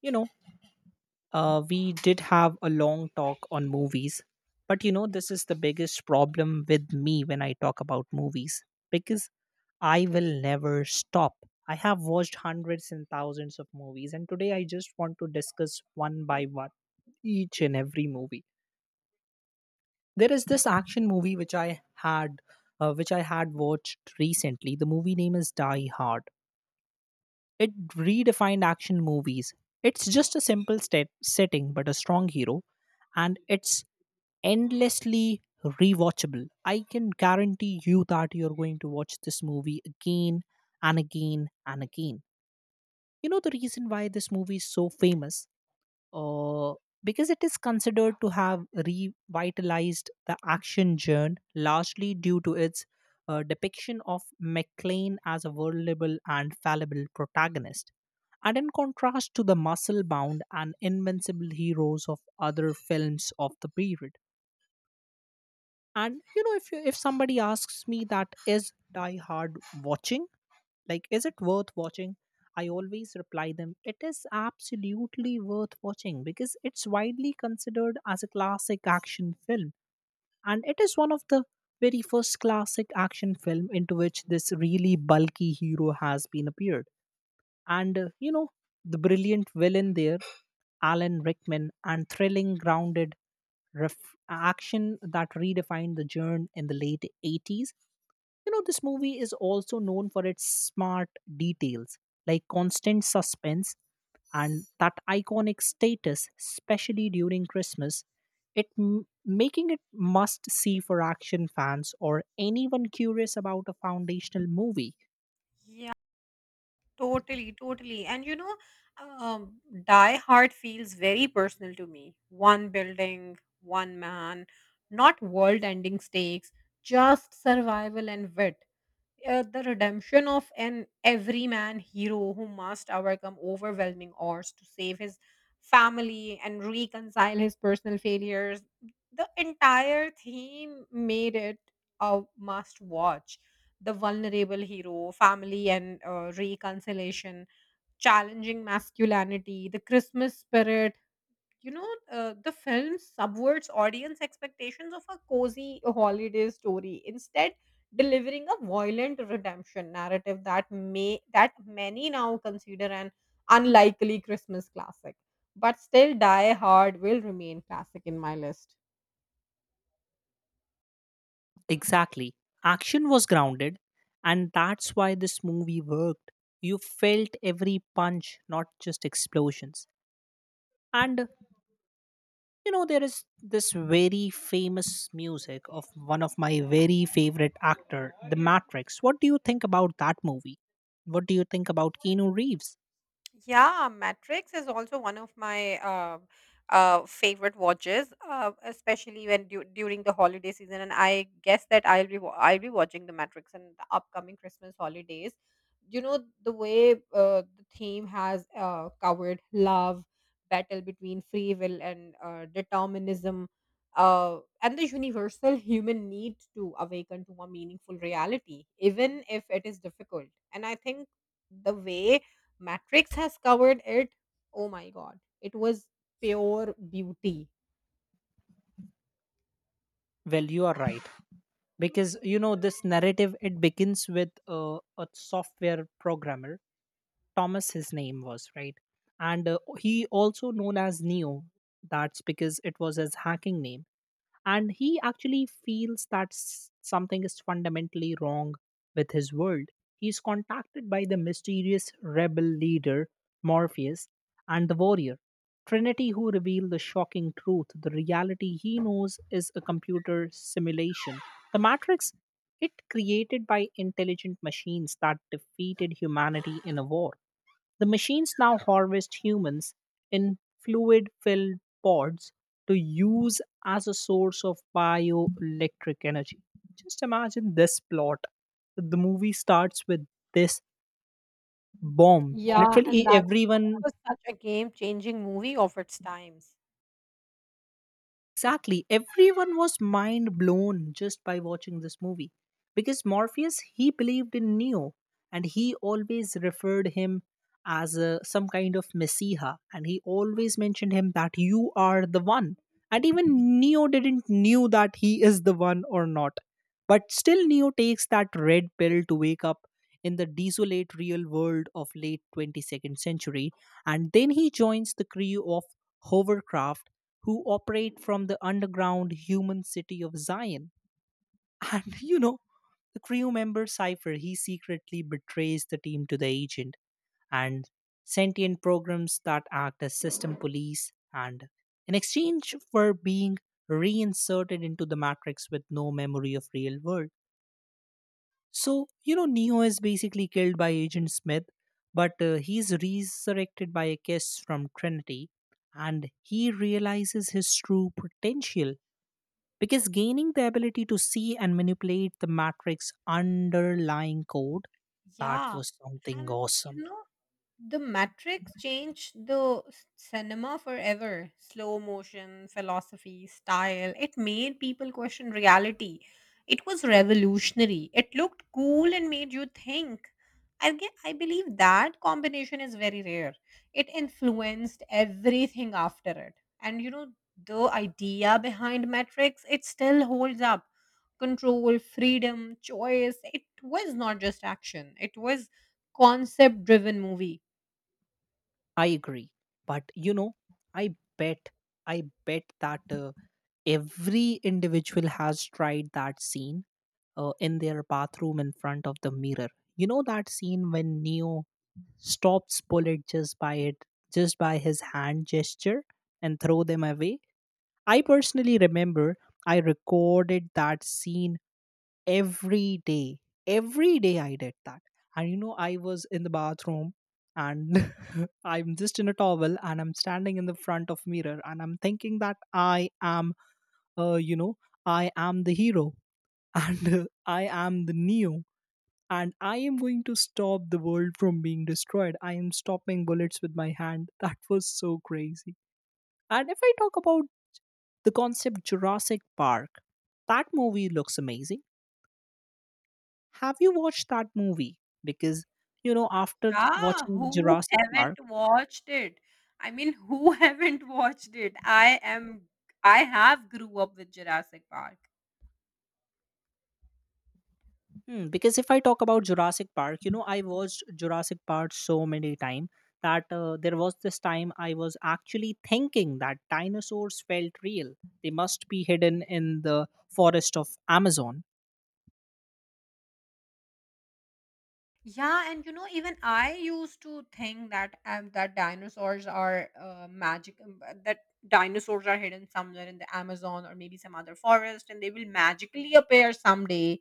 You know, we did have a long talk on movies, but you know, this is the biggest problem with me when I talk about movies because I will never stop. I have watched hundreds and thousands of movies, and today I just want to discuss one by one each and every movie. There is this action movie which I had watched recently. The movie name is Die Hard. It redefined action movies. It's just a simple state, setting, but a strong hero, and it's endlessly rewatchable. I can guarantee you that you're going to watch this movie again and again and again. You know the reason why this movie is so famous uh, because it is considered to have revitalized the action genre largely due to its depiction of McLean as a vulnerable and fallible protagonist. And in contrast to the muscle bound and invincible heroes of other films of the period. And you know, if somebody asks me that is Die Hard watching, like, is it worth watching? I always reply them, it is absolutely worth watching because it's widely considered as a classic action film. And it is one of the very first classic action film into which this really bulky hero has been appeared and you know the brilliant villain there, Alan Rickman, and thrilling grounded action that redefined the genre in the late 80s. You know this movie is also known for its smart details like constant suspense and that iconic status, especially during Christmas, making it must see for action fans or anyone curious about a foundational movie. Yeah, totally. And Die Hard feels very personal to me. One building, one man, not world ending stakes, just survival and wit, the redemption of an everyman hero who must overcome overwhelming odds to save his family and reconcile his personal failures. The entire theme made it a must watch. The vulnerable hero, family and reconciliation, challenging masculinity, the Christmas spirit, the film subverts audience expectations of a cozy holiday story, instead delivering a violent redemption narrative that may that many now consider an unlikely Christmas classic, but still Die Hard will remain classic in my list. Exactly. Action was grounded, and that's why this movie worked. You felt every punch, not just explosions. And you know, there is this very famous music of one of my very favorite actor, The Matrix. What do you think about that movie? What do you think about Keanu Reeves? Yeah, Matrix is also one of my favorite watches, especially when during the holiday season. And I guess that I'll be I'll be watching the Matrix in the upcoming Christmas holidays. You know the way the theme has covered love, battle between free will and determinism, and the universal human need to awaken to a meaningful reality, even if it is difficult. And I think the way Matrix has covered it. Oh my god, it was pure beauty. Well, you are right because you know this narrative it begins with a software programmer Thomas, his name was, right? And he also known as Neo. That's because it was his hacking name. And he actually feels that something is fundamentally wrong with his world. He's contacted by the mysterious rebel leader, Morpheus, and the warrior, Trinity, who reveal the shocking truth. The reality he knows is a computer simulation. The Matrix, it created by intelligent machines that defeated humanity in a war. The machines now harvest humans in fluid filled pods to use as a source of bioelectric energy. Just imagine this plot. The movie starts with this bomb. Yeah, and Literally, that is why it everyone. was such a game changing movie of its times. Exactly. Everyone was mind blown just by watching this movie. Because Morpheus, he believed in Neo and he always referred him as a, some kind of messiah and he always mentioned him that you are the one. And even Neo didn't knew that he is the one or not. But still Neo takes that red pill to wake up in the desolate real world of late 22nd century and then he joins the crew of hovercraft who operate from the underground human city of Zion. And you know, the crew member Cypher, he secretly betrays the team to the agent and sentient programs that act as system police and in exchange for being reinserted into the matrix with no memory of real world. So, you know, Neo is basically killed by Agent Smith, but he's resurrected by a kiss from Trinity and he realizes his true potential because gaining the ability to see and manipulate the matrix underlying code, that Yeah, was something and you awesome. know, The Matrix changed the cinema forever. Slow motion, philosophy, style. It made people question reality. It was revolutionary. It looked cool and made you think. I believe that combination is very rare. It influenced everything after it. And you know, the idea behind Matrix, it still holds up. Control, freedom, choice. It was not just action. It was concept driven movie. I agree. But you know, I bet, I bet that every individual has tried that scene in their bathroom in front of the mirror. You know that scene when Neo stops bullet just by his hand gesture and throw them away. I personally remember I recorded that scene every day, every day I did that. And you know I was in the bathroom and I'm just in a towel and I'm standing in the front of mirror and I'm thinking that I am you know I am the hero and I am the Neo and I am going to stop the world from being destroyed, I am stopping bullets with my hand. That was so crazy. And if I talk about the concept Jurassic Park, that movie looks amazing. Have you watched that movie? Because, you know, after Yeah, watching who Jurassic haven't Park, watched it? I mean, who haven't watched it? I have grew up with Jurassic Park. hmm, because if I talk about Jurassic Park, you know, I watched Jurassic Park so many times that there was this time I was actually thinking that dinosaurs felt real. They must be hidden in the forest of Amazon. Yeah, and you know, even I used to think that that dinosaurs are magic, that dinosaurs are hidden somewhere in the Amazon or maybe some other forest, and they will magically appear someday,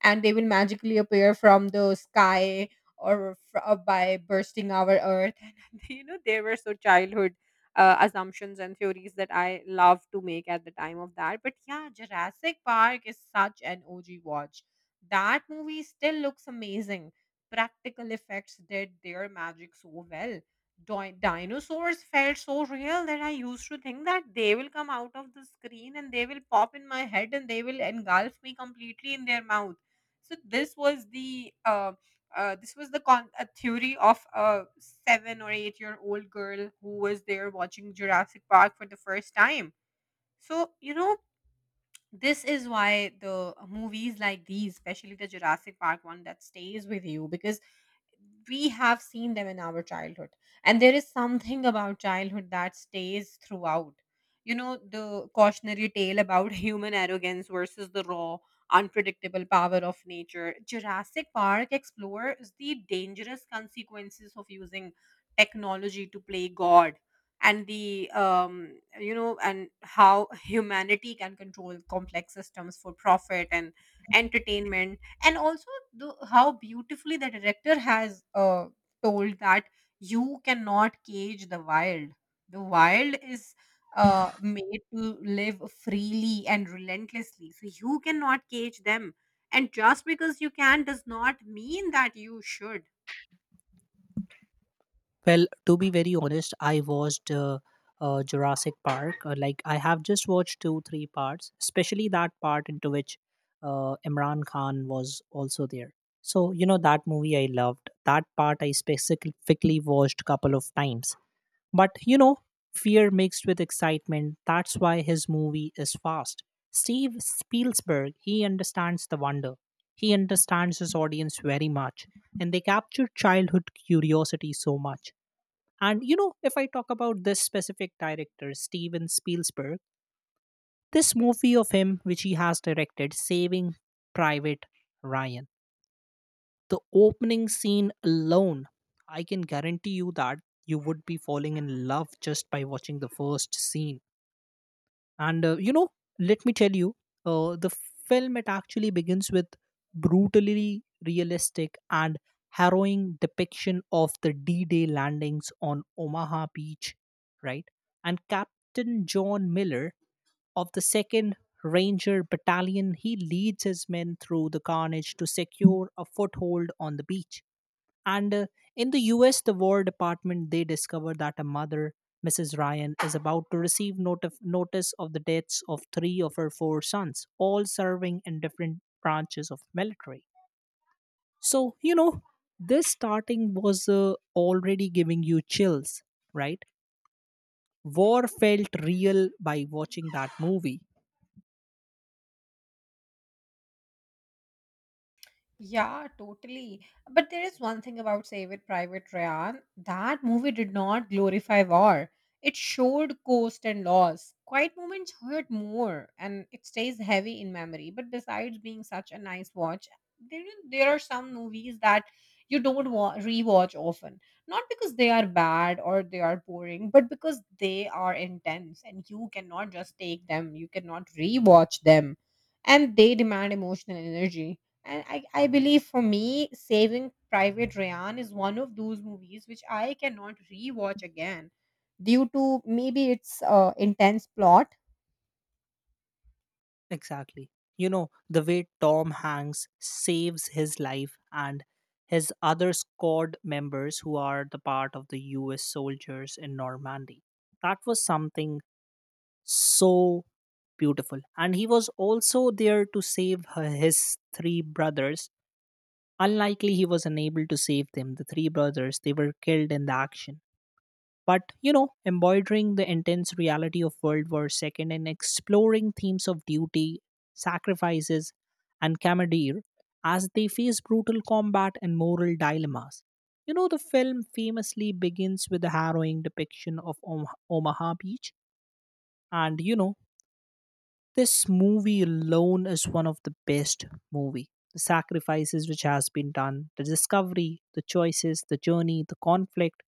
and they will magically appear from the sky or by bursting our earth. And you know, there were so childhood assumptions and theories that I love to make at the time of that. But yeah, Jurassic Park is such an OG watch. That movie still looks amazing, practical effects did their magic so well. Dinosaurs felt so real that I used to think that they will come out of the screen and they will pop in my head and they will engulf me completely in their mouth. So this was the a theory of a 7 or 8 year old girl who was there watching Jurassic Park for the first time. So you know, this is why the movies like these, especially the Jurassic Park one, that stays with you because we have seen them in our childhood, and there is something about childhood that stays throughout. You know the cautionary tale about human arrogance versus the raw unpredictable power of nature. Jurassic Park explores the dangerous consequences of using technology to play god, and the you know and how humanity can control complex systems for profit and entertainment. And also, how beautifully the director has told that you cannot cage the wild. The wild is made to live freely and relentlessly, so you cannot cage them. And just because you can does not mean that you should. Well, to be very honest, I watched Jurassic Park. Like I have just watched two, three parts, especially that part into which Imran Khan was also there. So you know that movie I loved. That part I specifically watched couple of times. But you know, fear mixed with excitement. That's why his movie is fast. Steve Spielberg, he understands the wonder. He understands his audience very much, and they capture childhood curiosity so much. And you know, if I talk about this specific director, Steven Spielberg, this movie of him, which he has directed, Saving Private Ryan, the opening scene alone, I can guarantee you that you would be falling in love just by watching the first scene. And you know, let me tell you, the film it actually begins with brutally realistic and harrowing depiction of the D-Day landings on Omaha Beach, right? And Captain John Miller of the Second Ranger Battalion, he leads his men through the carnage to secure a foothold on the beach. And in the US, the War Department, they discover that a mother, Mrs. Ryan, is about to receive notice of the deaths of three of her four sons, all serving in different branches of military. So, you know, this starting was already giving you chills, right? War felt real by watching that movie. Yeah, totally. But there is one thing about Save It Private Ryan. That movie did not glorify war. It showed cost and loss. Quiet moments hurt more, and it stays heavy in memory. But besides being such a nice watch, there there are some movies that you don't rewatch often. Not because they are bad or they are boring, but because they are intense, and you cannot just take them. You cannot rewatch them, and they demand emotional energy. And I believe for me, Saving Private Ryan is one of those movies which I cannot rewatch again due to maybe its intense plot. Exactly. You know, the way Tom Hanks saves his life and his other squad members who are the part of the US soldiers in Normandy. That was something so beautiful and he was also there to save his three brothers, unlikely he was unable to save them, the three brothers they were killed in the action. But you know embroidering the intense reality of World War II and exploring themes of duty, sacrifices, and camaraderie as they face brutal combat and moral dilemmas. You know the film famously begins with a harrowing depiction of Omaha Beach. And you know this movie alone is one of the best movie. The sacrifices which has been done, the discovery, the choices, the journey, the conflict,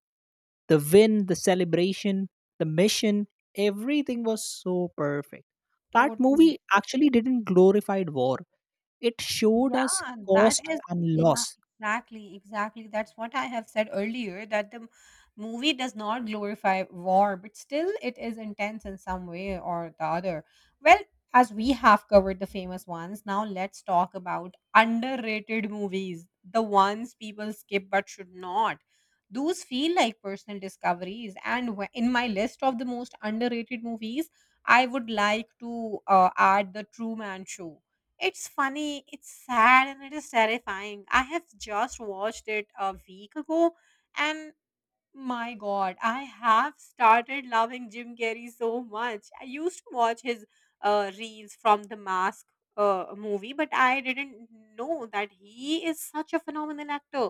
the win, the celebration, the mission, everything was so perfect. That Totally. movie actually didn't glorify war. It showed us Yeah, that cost is, and yeah, loss. exactly. That's what I have said earlier that movie does not glorify war, but still it is intense in some way or the other. Well, as we have covered the famous ones, now let's talk about underrated movies, the ones people skip but should not. Those feel like personal discoveries. And in my list of the most underrated movies, I would like to add The True Man Show. It's funny, it's sad, and it is terrifying. I have just watched it a week ago, and my God, I have started loving Jim Carrey so much. I used to watch his reels from the Mask movie, but I didn't know that he is such a phenomenal actor.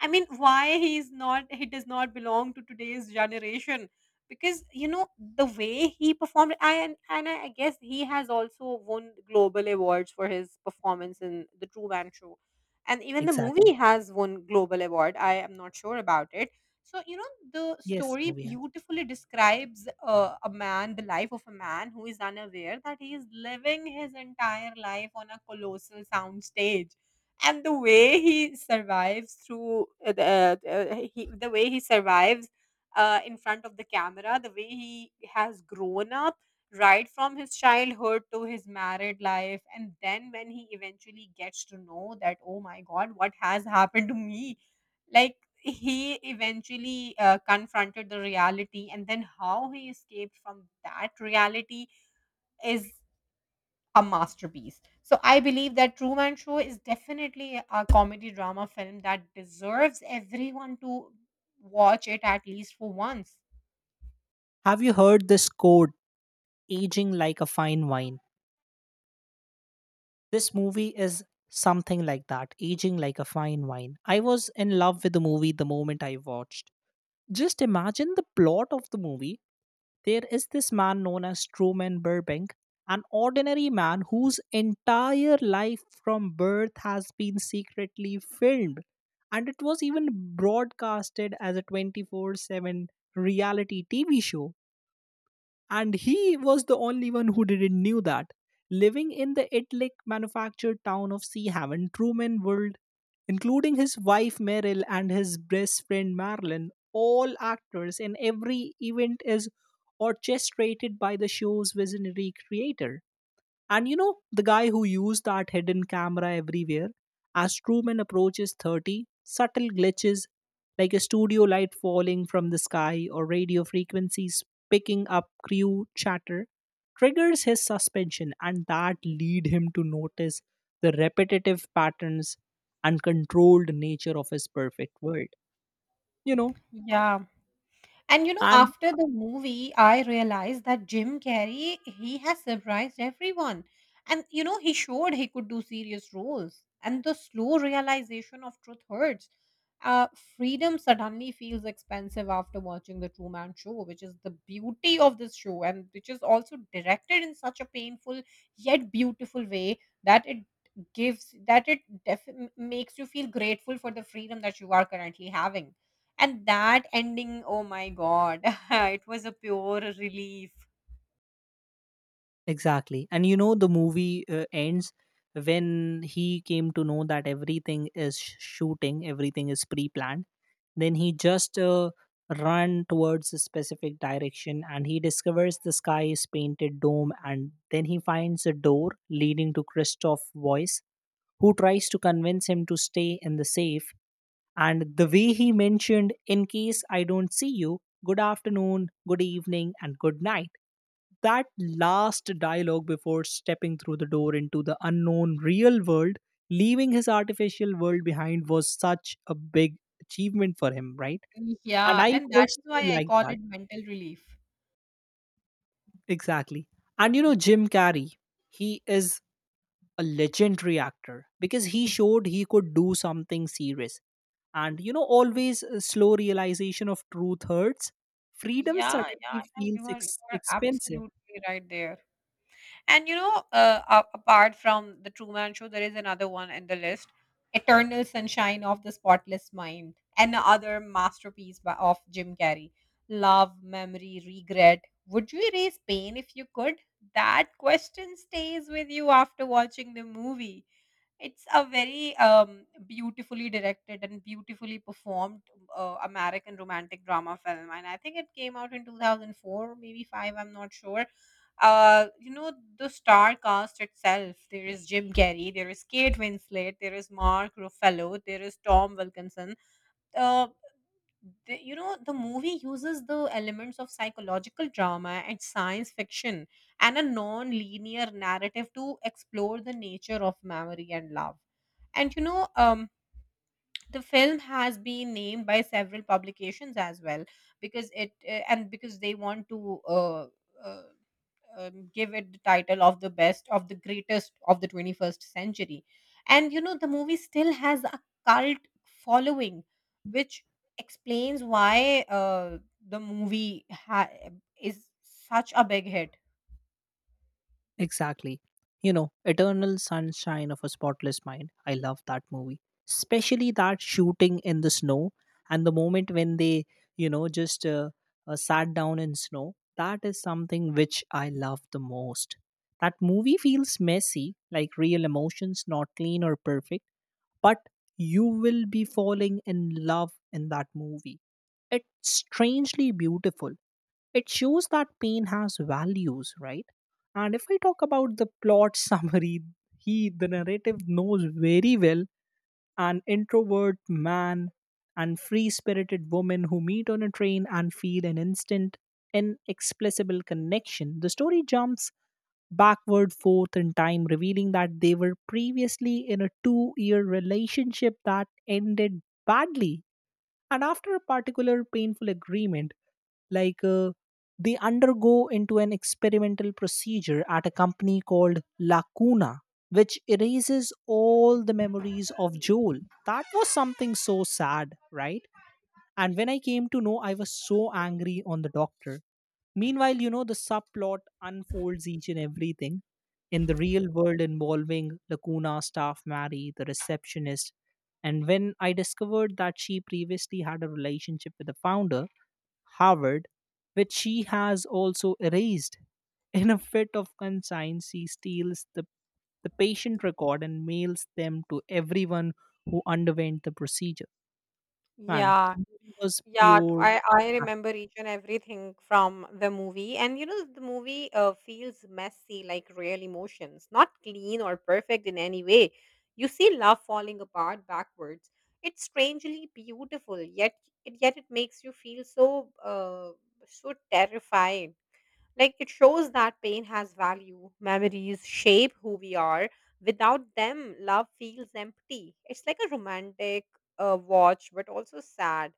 I mean, why he is not? He does not belong to today's generation because you know the way he performed. I and I guess he has also won global awards for his performance in the True Man Show, and even the movie Exactly. has won global award. I am not sure about it. So, you know, the Yes, story movie house. beautifully describes the life of a man who is unaware that he is living his entire life on a colossal soundstage. And the way he survives through the way he survives in front of the camera, the way he has grown up right from his childhood to his married life, and then when he eventually gets to know that oh my god, what has happened to me, like, he eventually confronted the reality, and then how he escaped from that reality is a masterpiece. So, I believe that Truman Show is definitely a comedy drama film that deserves everyone to watch it at least for once. Have you heard this quote, aging like a fine wine? This movie is something like that, aging like a fine wine. I was in love with the movie the moment I watched. Just imagine the plot of the movie. There is this man known as Truman Burbank, an ordinary man whose entire life from birth has been secretly filmed. And it was even broadcasted as a 24/7 reality TV show and he was the only one who didn't knew that. Living in the Italic manufactured town of Sea Haven, Truman World, including his wife Meryl and his best friend Marilyn, all actors, and every event is orchestrated by the show's visionary creator. And you know, the guy who used that hidden camera everywhere, as Truman approaches 30, subtle glitches like a studio light falling from the sky or radio frequencies picking up crew chatter triggers his suspension, and that lead him to notice the repetitive patterns and controlled nature of his perfect world. You know, Yeah. And you know, and after the movie, I realized that Jim Carrey, he has surprised everyone. And you know, he showed he could do serious roles. And the slow realization of truth hurts. Uh, Freedom suddenly feels expensive after watching The Truman Show, which is the beauty of this show, and which is also directed in such a painful yet beautiful way that it gives that it def- makes you feel grateful for the freedom that you are currently having. And that ending, oh my God, it was a pure relief. exactly. And you know, the movie ends when he came to know that everything is shooting, everything is pre planned. Then he just run towards a specific direction and he discovers the sky is painted dome. And then he finds a door leading to Christoph Voice, who tries to convince him to stay in the safe and the way he mentioned, in case I don't see you, good afternoon, good evening, and good night, that last dialogue before stepping through the door into the unknown real world, leaving his artificial world behind was such a big achievement for him, right? And Yeah, I and that is personally why I like call that. it mental relief. Exactly. And you know, Jim Carrey, he is a legendary actor because he showed he could do something serious. And you know, always a slow realization of truth hurts. Freedom Yeah, yeah, suddenly yeah, feels you are you are expensive. absolutely right there. And you know, apart from the Truman Show, there is another one in the list, Eternal Sunshine of the Spotless Mind, another masterpiece of Jim Carrey. Love, memory, regret. Would you erase pain if you could? That question stays with you after watching the movie. It's a very beautifully directed and beautifully performed American romantic drama film, and I think it came out in 2004, maybe five. I'm not sure. You know the star cast itself. There is Jim Carrey, there is Kate Winslet, there is Mark Ruffalo, there is Tom Wilkinson, uh, you know the movie uses the elements of psychological drama and science fiction and a non-linear narrative to explore the nature of memory and love. And the film has been named by several publications as well, because it and because they want to uh, give it the title of the best of the greatest of the 21st century. And you know, the movie still has a cult following, which explains why the movie ha- is such a big hit. Exactly. You know, Eternal Sunshine of a Spotless Mind. I love that movie. Especially that shooting in the snow and the moment when they, you know, just sat down in snow. That is something which I love the most. That movie feels messy, like real emotions, not clean or perfect, but you will be falling in love in that movie. It's strangely beautiful, it shows that pain has values, right? And if I talk about the plot summary, he, the narrative, knows very well an introvert man and free spirited woman who meet on a train and feel an instant, inexplicable connection. The story jumps backward forth in time, revealing that they were previously in a 2 year relationship that ended badly. And after a particular painful agreement, like uh, they undergo into an experimental procedure at a company called Lacuna, which erases all the memories of Joel. That was something so sad, right? And when I came to know, I was so angry on the doctor. Meanwhile, you know, the subplot unfolds each and everything in the real world involving Lacuna staff Mary, the receptionist. And when I discovered that she previously had a relationship with the founder, Harvard, which she has also erased. In a fit of conscience, she steals the patient record and mails them to everyone who underwent the procedure. Man, the Yeah, movie was yeah, t- pure I, I art. remember each and everything from the movie. And you know, the movie feels messy, like real emotions, not clean or perfect in any way. You see love falling apart backwards. It's strangely beautiful, yet it makes you feel so terrified. Like it shows that pain has value. Memories shape who we are. Without them, love feels empty. It's like a romantic watch, but also sad.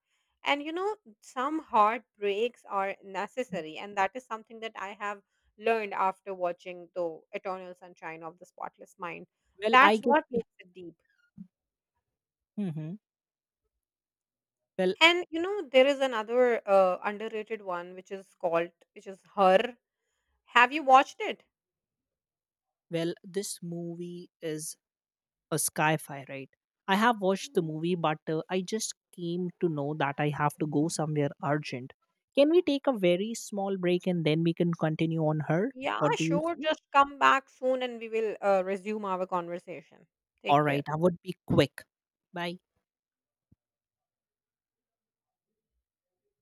And you know, some heartbreaks are necessary, and that is something that I have learned after watching The Eternal Sunshine of the Spotless Mind. Well, I That's guess what we. makes it deep. Mhm. well And you know, there is another underrated one which is which is Her. Have you watched it? well, this movie is a sci-fi, right? I have watched the movie, but I just came to know that I have to go somewhere urgent. Can we take a very small break and then we can continue on her? Yeah, What do you sure. see? Just come back soon and we will resume our conversation. All Take right, care. I would be quick. Bye.